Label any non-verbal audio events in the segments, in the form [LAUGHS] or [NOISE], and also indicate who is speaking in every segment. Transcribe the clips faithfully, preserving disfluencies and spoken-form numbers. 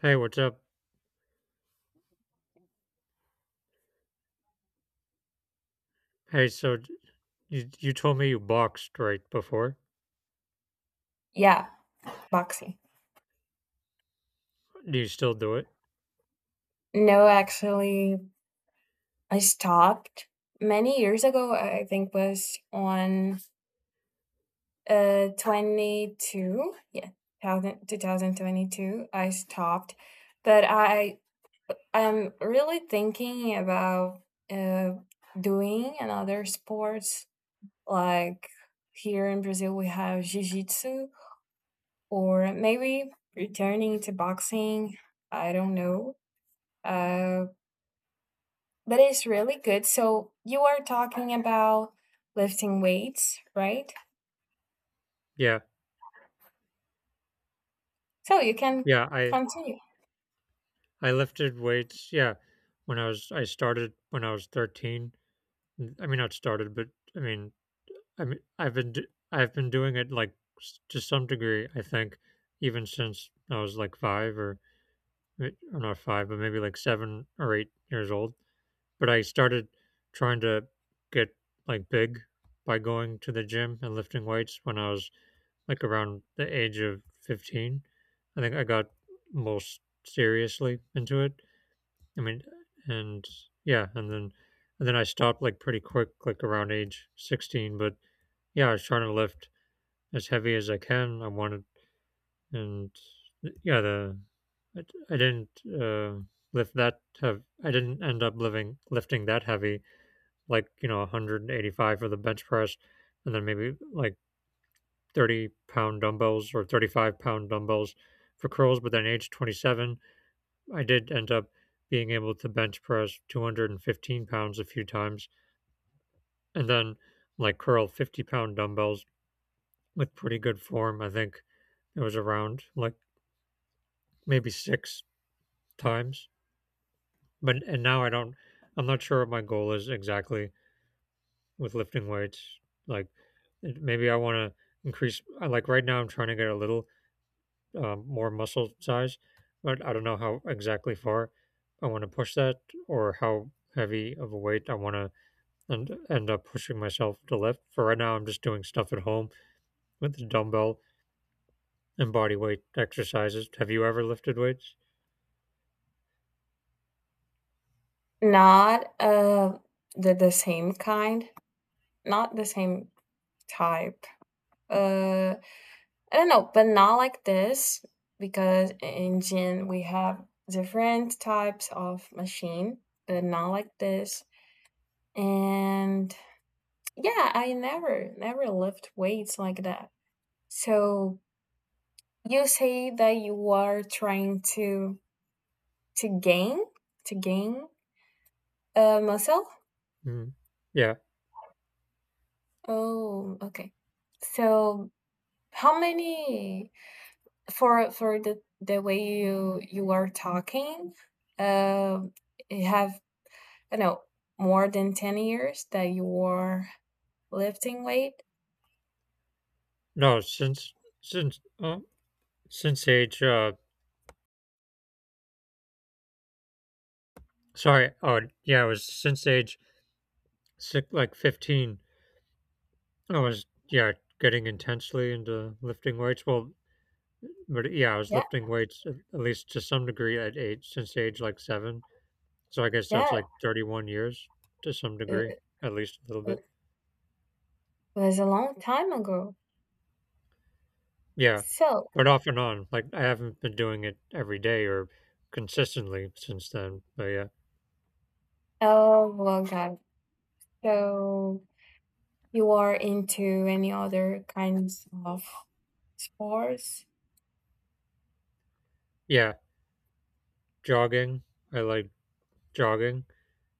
Speaker 1: Hey, what's up? Hey, so d- you you told me you boxed right before.
Speaker 2: Yeah, boxing.
Speaker 1: Do you still do it?
Speaker 2: No, actually, I stopped many years ago. I think was on uh twenty-two. Yeah, one thousand I stopped, but I am really thinking about uh doing another sports like here in Brazil we have jiu-jitsu or maybe returning to boxing. I don't know. Uh That is really good. So you are talking about lifting weights, right?
Speaker 1: Yeah.
Speaker 2: So you can
Speaker 1: Yeah, I
Speaker 2: continue.
Speaker 1: I lifted weights. Yeah. When I was I started when I was thirteen. N- I mean, not started, but I mean, I mean I've been d- I've been doing it like s- to some degree, I think, even since I was like five, or or not five, but maybe like seven or eight years old. But I started trying to get like big by going to the gym and lifting weights when I was like around the age of fifteen. I think I got most seriously into it, I mean, and yeah, and then and then I stopped like pretty quick, like around age sixteen. But yeah, I was trying to lift as heavy as I can. I wanted, and yeah, the i, I didn't uh, lift that have I didn't end up living lifting that heavy, like, you know, one hundred eighty-five for the bench press, and then maybe like thirty pound dumbbells or thirty-five pound dumbbells for curls, but then age twenty-seven, I did end up being able to bench press two hundred fifteen pounds a few times, and then like curl fifty pound dumbbells with pretty good form. I think it was around like maybe six times. But and now, I don't, I'm not sure what my goal is exactly with lifting weights. Like, maybe I want to increase. Like, right now I'm trying to get a little uh, more muscle size, but I don't know how exactly far I want to push that, or how heavy of a weight I want to end, end up pushing myself to lift. For right now, I'm just doing stuff at home with the dumbbell and body weight exercises. Have you ever lifted weights?
Speaker 2: Not uh the the same kind, not the same type. Uh I don't know, but not like this because in gym we have different types of machine, but not like this. And yeah, I never never lift weights like that. So you say that you are trying to to gain to gain uh, muscle.
Speaker 1: Mm. Yeah.
Speaker 2: Oh, okay, so how many, for for the the way you you are talking, uh you have, I don't know, more than ten years that you were lifting weight.
Speaker 1: No, since since uh, since age uh sorry, oh yeah, it was since age six, like fifteen. I was, yeah, getting intensely into lifting weights. Well, but yeah, I was
Speaker 2: Yeah,
Speaker 1: lifting weights at at least to some degree at age since age like seven. So I guess that's
Speaker 2: yeah,
Speaker 1: like thirty-one years, to some degree,
Speaker 2: it
Speaker 1: at least a little bit.
Speaker 2: it was a long time ago,
Speaker 1: Yeah.
Speaker 2: so...
Speaker 1: But off and on. Like, I haven't been doing it every day or consistently since then. But yeah.
Speaker 2: Oh well, god, so... you are into any other kinds of sports?
Speaker 1: Yeah. Jogging. I like jogging.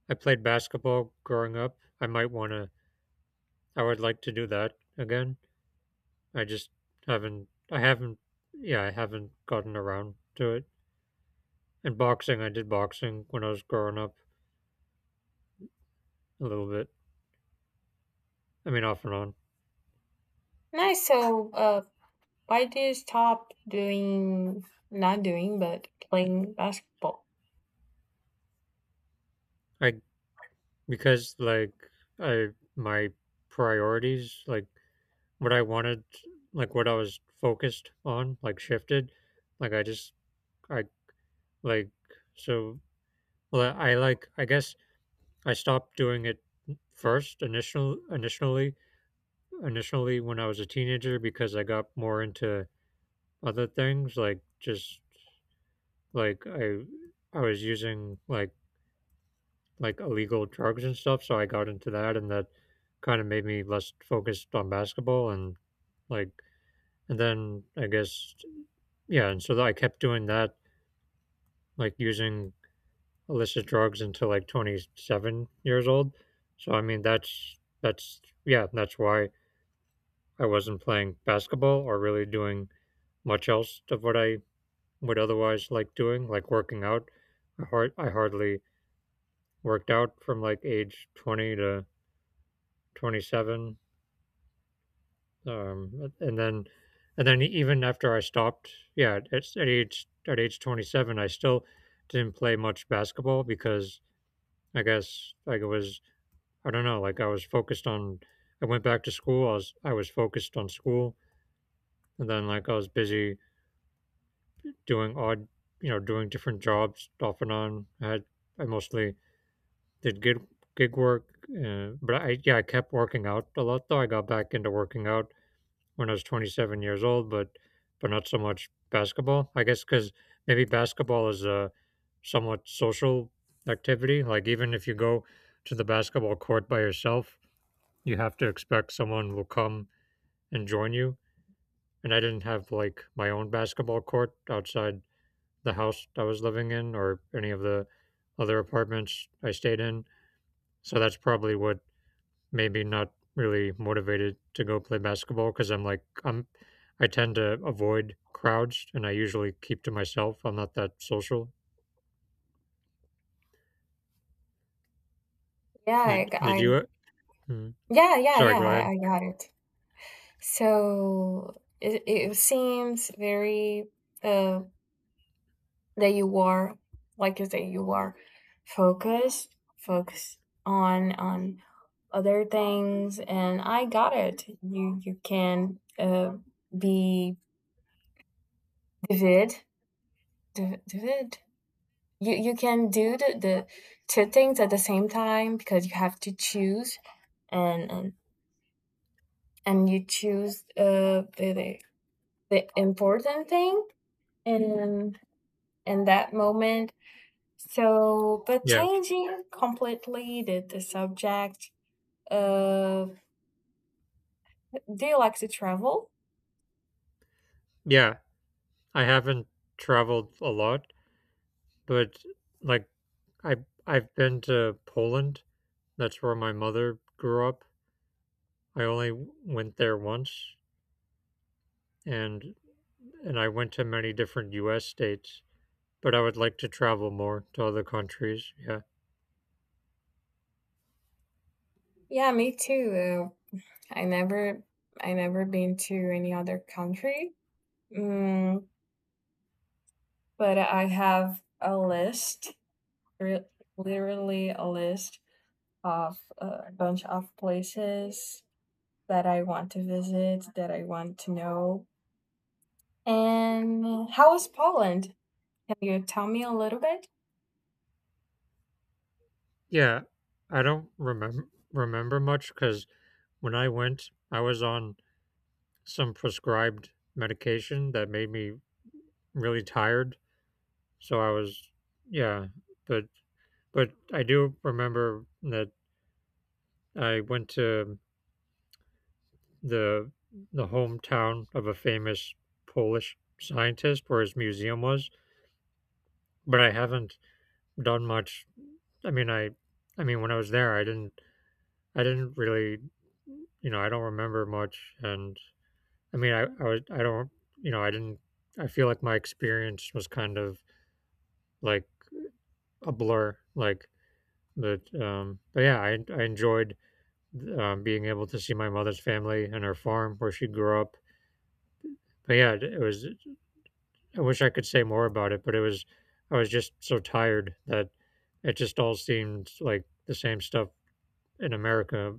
Speaker 1: I played basketball growing up. I might want to, I would like to do that again. I just haven't, I haven't, yeah, I haven't gotten around to it. And boxing, I did boxing when I was growing up a little bit. I mean, off and on.
Speaker 2: Nice. So, uh, why do you stop doing, not doing, but playing basketball?
Speaker 1: I Because, like, I my priorities, like what I wanted, like what I was focused on, like, shifted. Like, I just I like so well I like, I guess I stopped doing it first, initial initially initially, when I was a teenager, because I got more into other things, like, just like I I was using, like, like illegal drugs and stuff, so I got into that, and that kind of made me less focused on basketball, and, like, and then I guess, yeah, and so I kept doing that, like using illicit drugs until like twenty-seven years old. So I mean, that's that's yeah, that's why I wasn't playing basketball or really doing much else of what I would otherwise like doing, like working out. I hard I hardly worked out from like age twenty to twenty-seven, um, and then, and then even after I stopped, yeah, at, at age at age twenty seven, I still didn't play much basketball, because I guess, like, it was, I don't know, like I was focused on, I went back to school, I was, I was focused on school, and then, like, I was busy doing odd, you know, doing different jobs off and on. I had, I mostly did gig gig work, uh, but I, yeah, I kept working out a lot, though. I got back into working out when I was twenty-seven years old, but but not so much basketball. I guess because maybe basketball is a somewhat social activity. Like, even if you go to the basketball court by yourself, you have to expect someone will come and join you. And I didn't have like my own basketball court outside the house I was living in, or any of the other apartments I stayed in. So that's probably what. Maybe not really motivated to go play basketball because I'm like I'm, I tend to avoid crowds, and I usually keep to myself. I'm not that social.
Speaker 2: Yeah, I,
Speaker 1: Did,
Speaker 2: g-
Speaker 1: did you? uh,
Speaker 2: I-
Speaker 1: mm,
Speaker 2: yeah, yeah,
Speaker 1: sorry,
Speaker 2: yeah,
Speaker 1: go
Speaker 2: I,
Speaker 1: ahead.
Speaker 2: I got it. So it, it seems very, um, that you are, like you say, you are focused focused on on other things, and I got it. You you can, uh, be vivid, div- you you can do the, the two things at the same time because you have to choose, and and, and you choose, uh, the, the the important thing, and in that moment. So, but
Speaker 1: Yeah,
Speaker 2: changing completely the, the subject, uh, do you like to travel?
Speaker 1: yeah. I haven't traveled a lot, but, like, I I've been to Poland. That's where my mother grew up. I only w- went there once, and and I went to many different U S states. But I would like to travel more to other countries. Yeah.
Speaker 2: Yeah, me too. Uh, I never, I never been to any other country. Mm, but I have a list, re- literally a list of a bunch of places that I want to visit, that I want to know. And how is Poland? Can you tell me a little bit?
Speaker 1: Yeah, I don't remember remember much, because when I went, I was on some prescribed medication that made me really tired. So I was, yeah, but but I do remember that I went to the the hometown of a famous Polish scientist where his museum was, but I haven't done much. I mean, I I mean, when I was there, I didn't I didn't really, you know, I don't remember much, and I mean, I, I, would- I don't, you know, I didn't, I feel like my experience was kind of like a blur, like, but, um, but yeah, I, I enjoyed, um, being able to see my mother's family and her farm where she grew up. But yeah, it it was, I wish I could say more about it, but it was, I was just so tired that it just all seemed like the same stuff in America,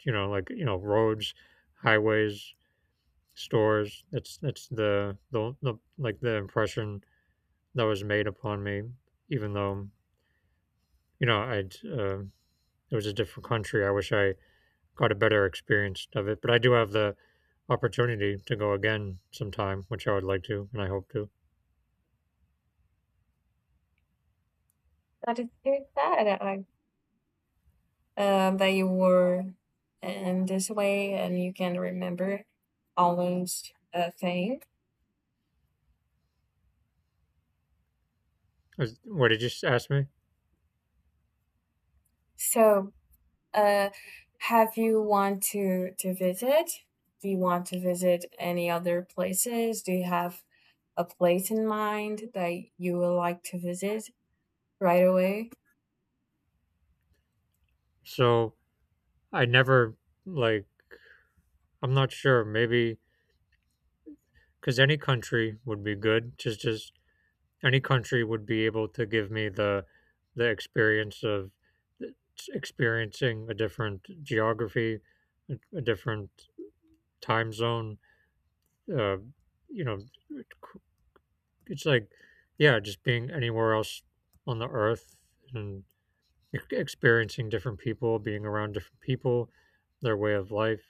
Speaker 1: you know, like, you know, roads, highways, stores. That's, that's the, the, the, like, the impression that was made upon me, even though, you know, I'd, uh, it was a different country. I wish I got a better experience of it, but I do have the opportunity to go again sometime, which I would like to, and I hope to.
Speaker 2: That is so sad. I, uh, that you were in this way and you can remember all those, uh, things.
Speaker 1: Uh, What did you ask me?
Speaker 2: So, uh, have you want to to visit? Do you want to visit any other places? Do you have a place in mind that you would like to visit right away?
Speaker 1: So, I never, like, I'm not sure, maybe, because any country would be good. Just, just any country would be able to give me the, the experience of experiencing a different geography, a different time zone, uh, you know, it's like, yeah, just being anywhere else on the earth, and e- experiencing different people, being around different people, their way of life.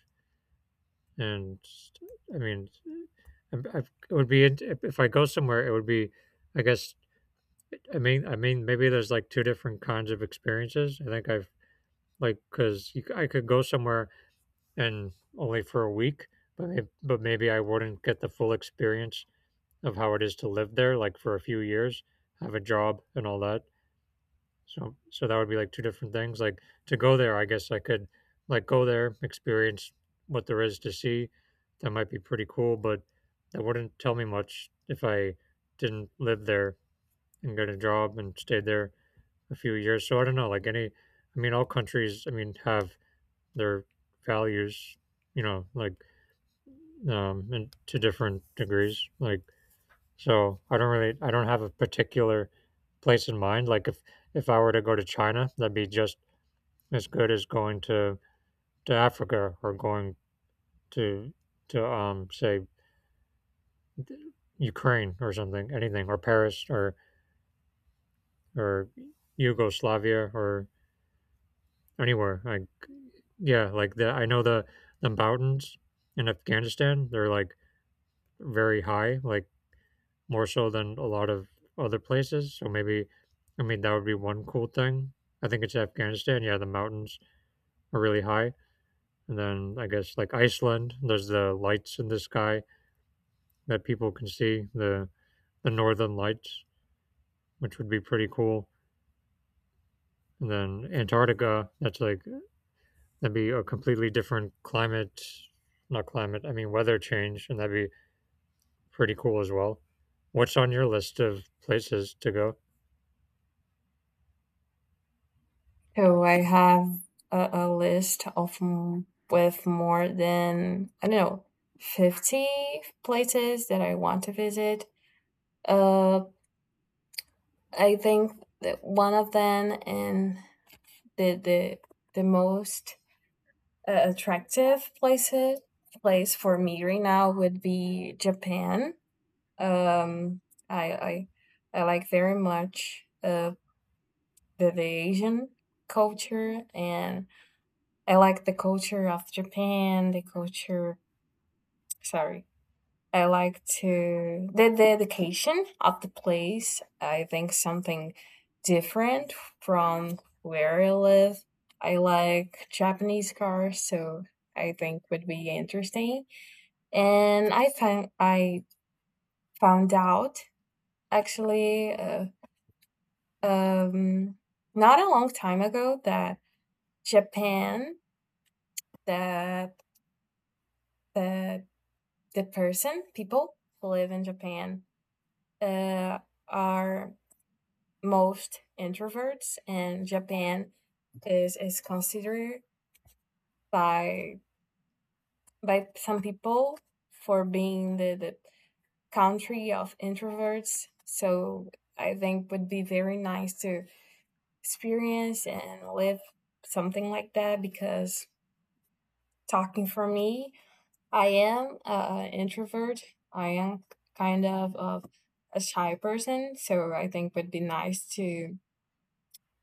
Speaker 1: And I mean, I I it would be int- if if I go somewhere, it would be, I guess, I mean, I mean, maybe there's like two different kinds of experiences. I think I've, like, because I could go somewhere and only for a week, but maybe, but maybe I wouldn't get the full experience of how it is to live there, like for a few years, have a job and all that. So so that would be like two different things. Like, to go there, I guess I could, like, go there, experience what there is to see. That might be pretty cool, but that wouldn't tell me much if I didn't live there and get a job and stayed there a few years. So I don't know, like, any, I mean, all countries, I mean, have their values, you know, like, um and to different degrees. Like, so I don't really, I don't have a particular place in mind. Like, if if I were to go to China, that'd be just as good as going to to Africa, or going to to um say, Ukraine or something, anything, or Paris, or or Yugoslavia, or anywhere. Like, yeah, like, the I know the the mountains in Afghanistan. They're like very high, like more so than a lot of other places. So maybe, I mean, that would be one cool thing. I think it's Afghanistan. Yeah, the mountains are really high. And then I guess like Iceland, there's the lights in the sky that people can see, the, the northern lights, which would be pretty cool. And then Antarctica, that's like, that'd be a completely different climate, not climate, I mean, weather change. And that'd be pretty cool as well. What's on your list of places to go?
Speaker 2: So I have a, a list of m- with more than, I don't know, fifty places that I want to visit. Uh, I think that one of them, and the the the most, uh, attractive places place for me right now would be Japan. Um, I I I like very much, uh, the, the Asian culture, and I like the culture of Japan. The culture, sorry, I like to the the dedication of the place. I think something different from where I live. I like Japanese cars, so I think would be interesting. And I found I found out actually, uh, um, not a long time ago that Japan, that that the person people who live in Japan, uh, are most introverts, and Japan is is considered by by some people for being the, the country of introverts. So I think would be very nice to experience and live something like that because, talking for me, I am an introvert. I am kind of, of a shy person, so I think would be nice to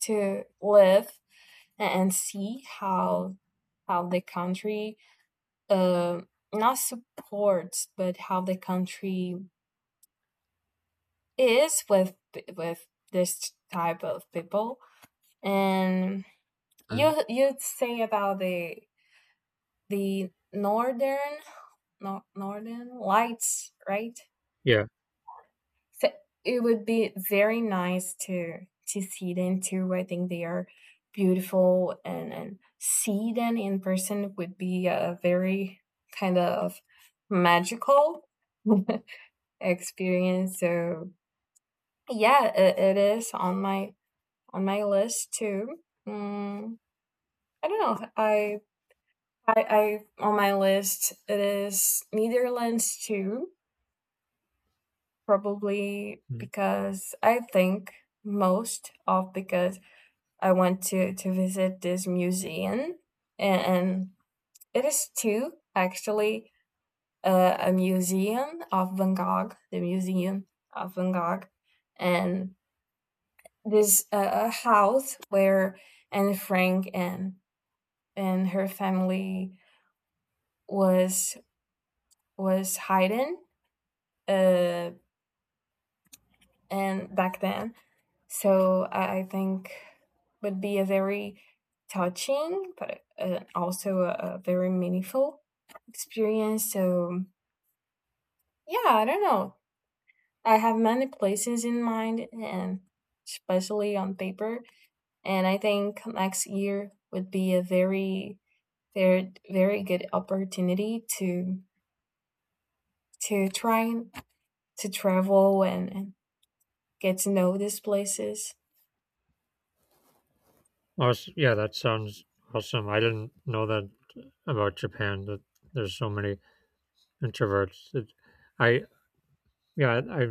Speaker 2: to live and see how how the country, uh, not supports but how the country is with with this type of people, and
Speaker 1: Mm,
Speaker 2: you you'd say about the the northern, no, northern lights, right?
Speaker 1: yeah.
Speaker 2: So it would be very nice to to see them too. I think they are beautiful, and and see them in person would be a very kind of magical [LAUGHS] experience. So yeah, it, it is on my on my list too. Mm, I don't know. I, I I on my list, it is Netherlands too, probably because I think most of because I went to to visit this museum, and, and it is two actually, uh, a museum of Van Gogh, the museum of Van Gogh, and this, uh, a house where Anne Frank and and her family was was hiding, uh, and back then. So I, I think would be a very touching, but, uh, also a, a very meaningful experience. So yeah, I don't know. I have many places in mind, and especially on paper. And I think next year would be a very, very, very good opportunity to to try and- to travel and, and get to know these places.
Speaker 1: Oh, yeah, that sounds awesome. I didn't know that about Japan, that there's so many introverts. It, I, yeah, I,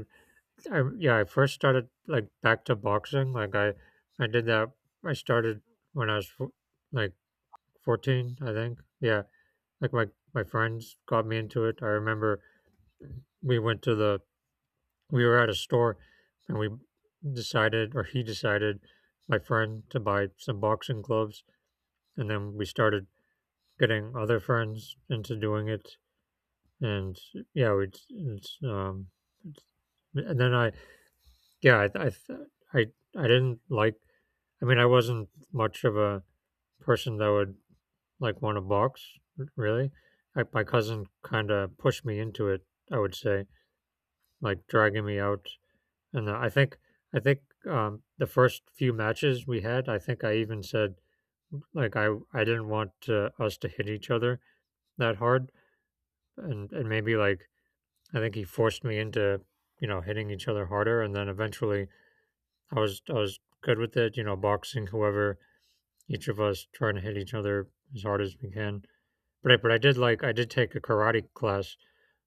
Speaker 1: I yeah, I first started, like, back to boxing. Like, I I did that. I started when I was fo- like fourteen, I think. Yeah, like, my my friends got me into it. I remember we went to the we were at a store, and we decided, or he decided, my friend, to buy some boxing gloves, and then we started getting other friends into doing it, and, yeah, we it's um, it's, and then I yeah, I I I I didn't like. I mean, I wasn't much of a person that would like want to box really. I, my cousin kind of pushed me into it. I would say like dragging me out, and I think I think um, the first few matches we had, I think I even said like I I didn't want uh us to hit each other that hard, and and maybe like I think he forced me into you know hitting each other harder, and then eventually I was I was good with it. You know, boxing, whoever, each of us trying to hit each other as hard as we can. But I, but I did like I did take a karate class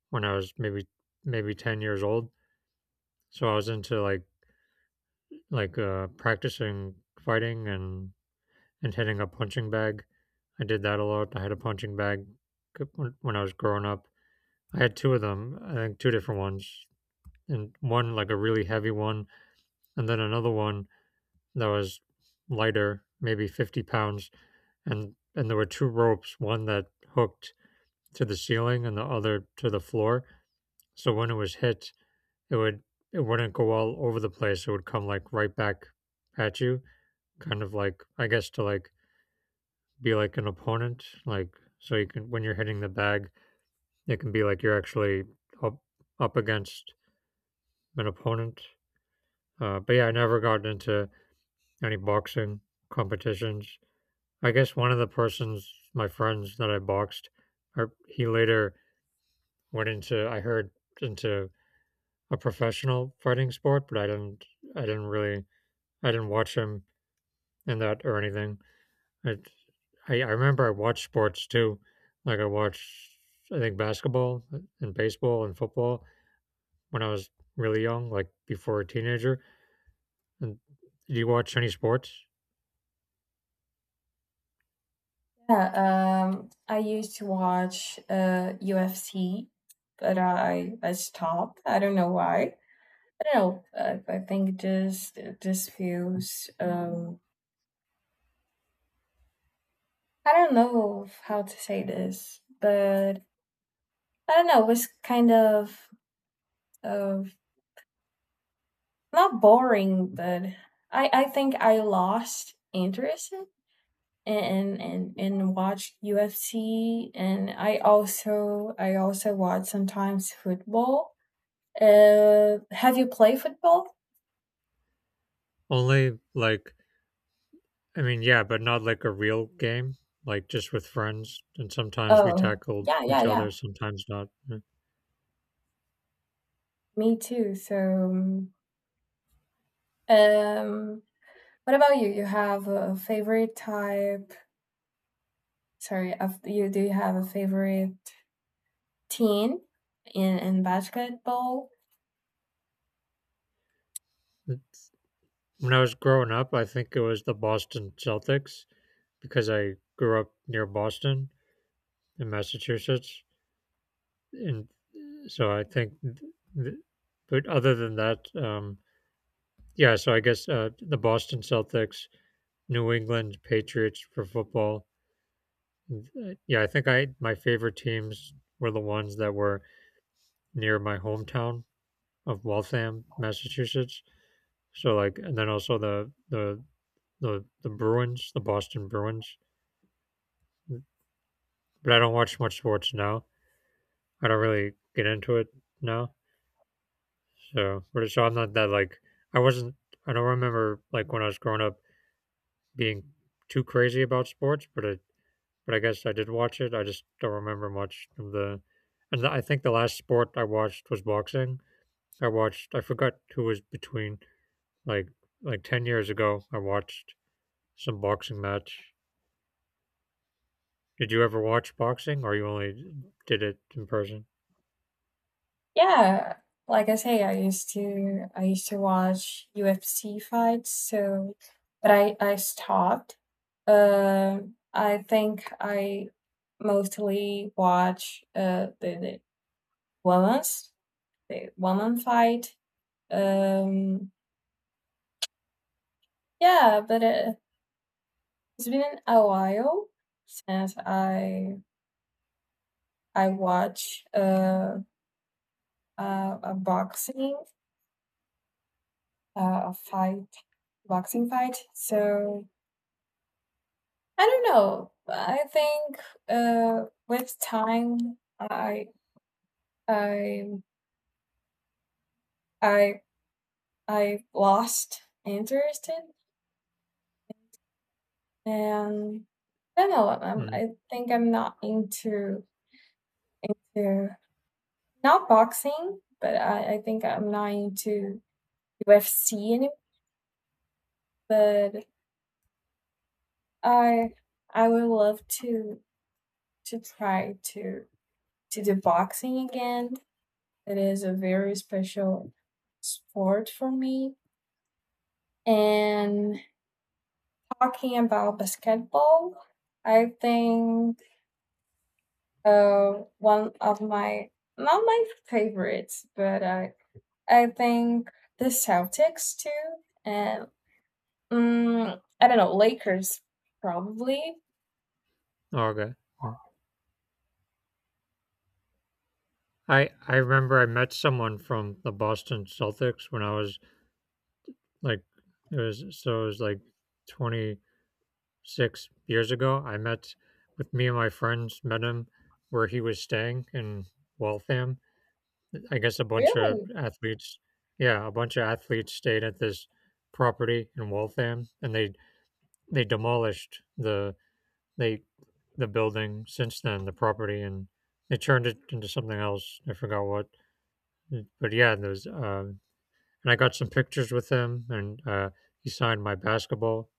Speaker 1: when I was maybe maybe ten years old, so I was into like like uh, practicing fighting and and hitting a punching bag. I did that a lot. I had a punching bag when when I was growing up. I had two of them. I think two different ones, and one like a really heavy one and then another one that was lighter, maybe fifty pounds, and and there were two ropes, one that hooked to the ceiling and the other to the floor. So when it was hit, it would it wouldn't go all over the place. It would come like right back at you, kind of like I guess to like be like an opponent, like so you can when you're hitting the bag, it can be like you're actually up up against an opponent. Uh, but yeah, I never got into any boxing competitions. I guess one of the persons, my friends that I boxed, or he later went into, I heard, into a professional fighting sport, but I didn't, I didn't really, I didn't watch him in that or anything. I, I, I remember I watched sports too. Like I watched, I think basketball and baseball and football when I was really young, like before a teenager. And do you watch any sports?
Speaker 2: Yeah, um, I used to watch, uh, U F C, but I I stopped. I don't know why. I don't know. I, I think it just it just feels. Um, I don't know of how to say this, but I don't know. It was kind of of not boring, but I I think I lost interest in in in watch U F C, and I also I also watch sometimes football. Uh, have you played football?
Speaker 1: Only like I mean, yeah, but not like a real game, like just with friends. And sometimes we
Speaker 2: Oh,
Speaker 1: tackled
Speaker 2: yeah, yeah,
Speaker 1: each
Speaker 2: yeah.
Speaker 1: other, sometimes not.
Speaker 2: Me too. So, um, what about you? You have a favorite type? Sorry, of you, do you have a favorite team in in basketball?
Speaker 1: When I was growing up, I think it was the Boston Celtics because I grew up near Boston in Massachusetts. And so I think, th- but other than that, um, yeah, so I guess uh, the Boston Celtics, New England Patriots for football. Uh, Yeah, I think I my favorite teams were the ones that were near my hometown of Waltham, Massachusetts. So like, and then also the the the the Bruins, the Boston Bruins. But I don't watch much sports now. I don't really get into it now. So, but so I'm not that like I wasn't. I don't remember like when I was growing up being too crazy about sports, but I but I guess I did watch it. I just don't remember much of the. And I think the last sport I watched was boxing. I watched. I forgot who was between like like ten years ago. I watched some boxing match. Did you ever watch boxing, or you only did it in person?
Speaker 2: Yeah, like I say, I used to I used to watch U F C fights. So, but I I stopped. Um, I think I mostly watch, uh the, the women's, the woman fight. Um, yeah, but, uh, it's been a while since I I watch, uh, uh, a boxing, uh, a fight, boxing fight. So I don't know. I think, uh, with time I I I I lost interest in, and I don't know. I'm,
Speaker 1: Mm.
Speaker 2: I think I'm not into to, not boxing, but I, I think I'm not into U F C anymore. But I I would love to to try to to do boxing again. It is a very special sport for me. And talking about basketball, I think, uh, one of my, not my favorites, but I I think the Celtics too. And Mm, I don't know, Lakers probably.
Speaker 1: Oh, okay. Mm. I I remember I met someone from the Boston Celtics when I was like it was so it was like twenty-six years ago. I met with me and my friends met him where he was staying in Waltham. I guess a bunch of
Speaker 2: Really?
Speaker 1: athletes, yeah, a bunch of athletes stayed at this property in Waltham, and they they demolished the they the building since then, the property, and they turned it into something else. I forgot what, but yeah, those. Um, and I got some pictures with him, and uh, he signed my basketball,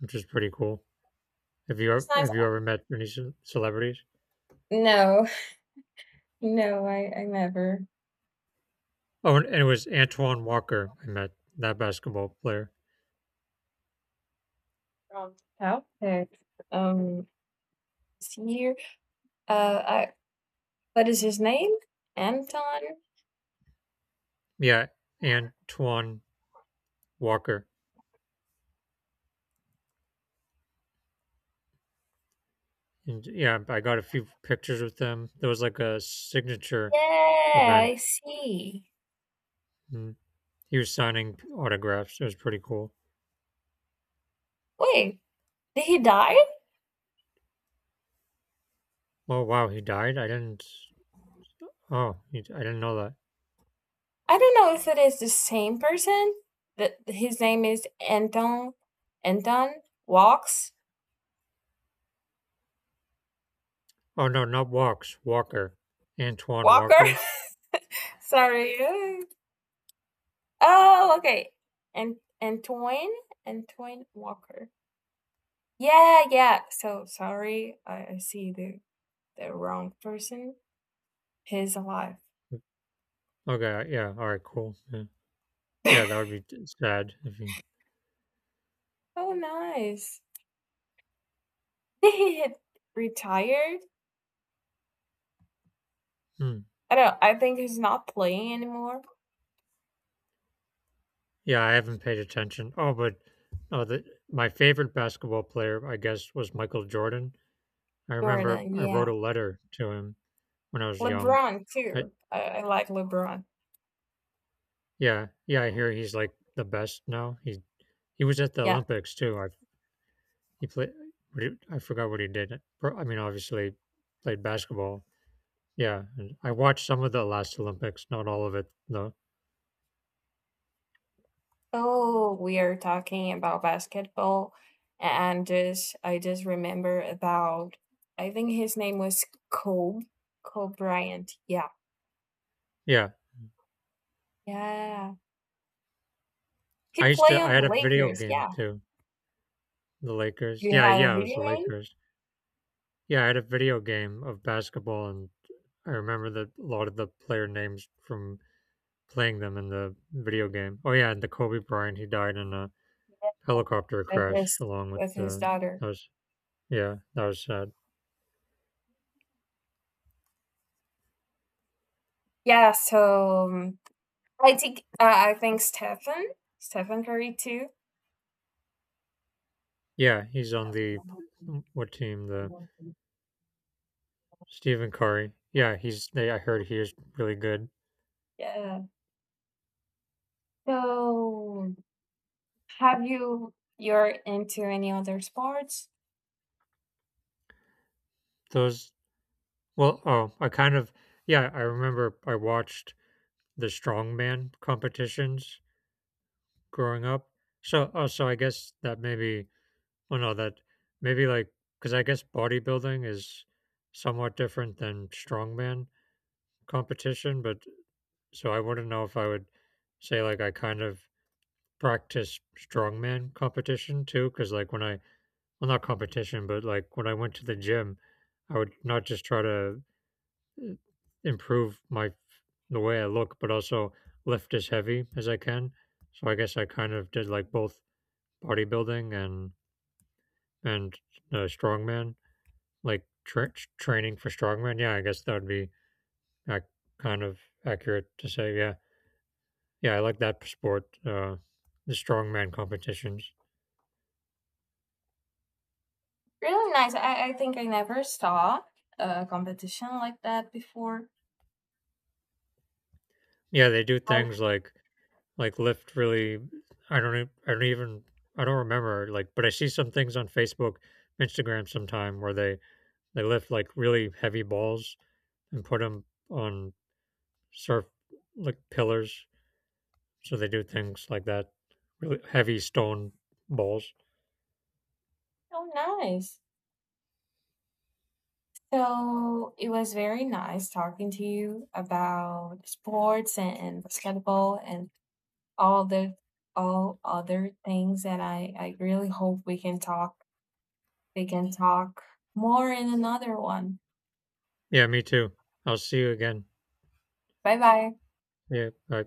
Speaker 1: which was pretty cool. Have you
Speaker 2: That's
Speaker 1: ever,
Speaker 2: nice.
Speaker 1: have you ever met any ce- celebrities?
Speaker 2: No, [LAUGHS] no, I I never.
Speaker 1: Oh, and, and it was Antoine Walker. I met that basketball player.
Speaker 2: From Celtics. Um, this year, uh, I, what is his name? Anton?
Speaker 1: Yeah, Antoine Walker. And yeah, I got a few pictures with him. There was like a signature
Speaker 2: Yeah,
Speaker 1: event.
Speaker 2: I see.
Speaker 1: And he was signing autographs. It was pretty cool.
Speaker 2: Wait, did he die?
Speaker 1: Oh wow, he died. I didn't. Oh, he, I didn't know that.
Speaker 2: I don't know if it is the same person. That his name is Anton. Anton Walks
Speaker 1: Oh no, not Walks. Walker, Antoine
Speaker 2: Walker.
Speaker 1: Walker.
Speaker 2: [LAUGHS] Sorry. Oh, okay. And Antoine, Antoine Walker. Yeah, yeah. So sorry, I, I see the the wrong person. He's alive.
Speaker 1: Okay, yeah. All right, cool. Yeah, yeah
Speaker 2: [LAUGHS]
Speaker 1: that would be t- sad if he.
Speaker 2: Oh, nice. [LAUGHS] He had retired.
Speaker 1: Hmm.
Speaker 2: I don't. I think he's not playing anymore.
Speaker 1: Yeah, I haven't paid attention. Oh, but oh, the, my favorite basketball player, I guess, was Michael Jordan. I remember
Speaker 2: Jordan.
Speaker 1: I wrote
Speaker 2: Yeah.
Speaker 1: a letter to him when I was young.
Speaker 2: LeBron
Speaker 1: I,
Speaker 2: too. I, I like LeBron.
Speaker 1: yeah, yeah. I hear he's like the best now. He he was at the
Speaker 2: Yeah.
Speaker 1: Olympics too. I He played. What he, I forgot what he did. Pro- I mean, obviously, played basketball. Yeah, and I watched some of the last Olympics, not all of it though.
Speaker 2: Oh, we are talking about basketball, and just I just remember about, I think his name was Kobe, Kobe Bryant. Yeah,
Speaker 1: Yeah,
Speaker 2: yeah, he
Speaker 1: I used
Speaker 2: played
Speaker 1: to. I
Speaker 2: on
Speaker 1: had
Speaker 2: the
Speaker 1: a video
Speaker 2: Lakers.
Speaker 1: game
Speaker 2: Yeah,
Speaker 1: too. The Lakers.
Speaker 2: do you
Speaker 1: Yeah,
Speaker 2: have a
Speaker 1: yeah, it was
Speaker 2: video
Speaker 1: the
Speaker 2: game?
Speaker 1: Lakers. Yeah, I had a video game of basketball, and I remember that a lot of the player names from playing them in the video game. Oh yeah, and the Kobe Bryant, he died in a
Speaker 2: Yeah,
Speaker 1: helicopter
Speaker 2: with
Speaker 1: crash
Speaker 2: his
Speaker 1: along with
Speaker 2: with his
Speaker 1: the.
Speaker 2: daughter.
Speaker 1: That was yeah, that was sad.
Speaker 2: Yeah, so um, I think, uh, I think Stefan, Stefan Curry too.
Speaker 1: Yeah, he's on the what team? The Stephen Curry. Yeah, he's. They, I heard he is really good.
Speaker 2: Yeah. So have you you're into any other sports?
Speaker 1: Those. Well, oh, I kind of. Yeah, I remember I watched the strongman competitions growing up. So, oh, so I guess that maybe. Well, no, that maybe like because I guess bodybuilding is somewhat different than strongman competition. But so I wouldn't know if I would say like I kind of practice strongman competition too, because like when I well, not competition, but like when I went to the gym, I would not just try to uh, improve my the way I look, but also lift as heavy as I can. So I guess I kind of did like both bodybuilding and and uh, strongman, like tra- training for strongman. Yeah, I guess that would be ac- kind of accurate to say. Yeah, yeah, I like that sport, uh, the strongman competitions.
Speaker 2: Really nice. I, I think I never saw a competition like that before.
Speaker 1: Yeah, they do
Speaker 2: Oh,
Speaker 1: things like Like Lyft really, I don't, e- I don't even, I don't remember. Like, but I see some things on Facebook, Instagram, sometime where they they lift like really heavy balls and put them on surf like pillars. So they do things like that, really heavy stone balls.
Speaker 2: so nice. So it was very nice talking to you about sports and, and basketball and all the all other things that I, I really hope we can talk We can talk more in another one.
Speaker 1: Yeah, me too. I'll see you again.
Speaker 2: Bye bye.
Speaker 1: Yeah, bye.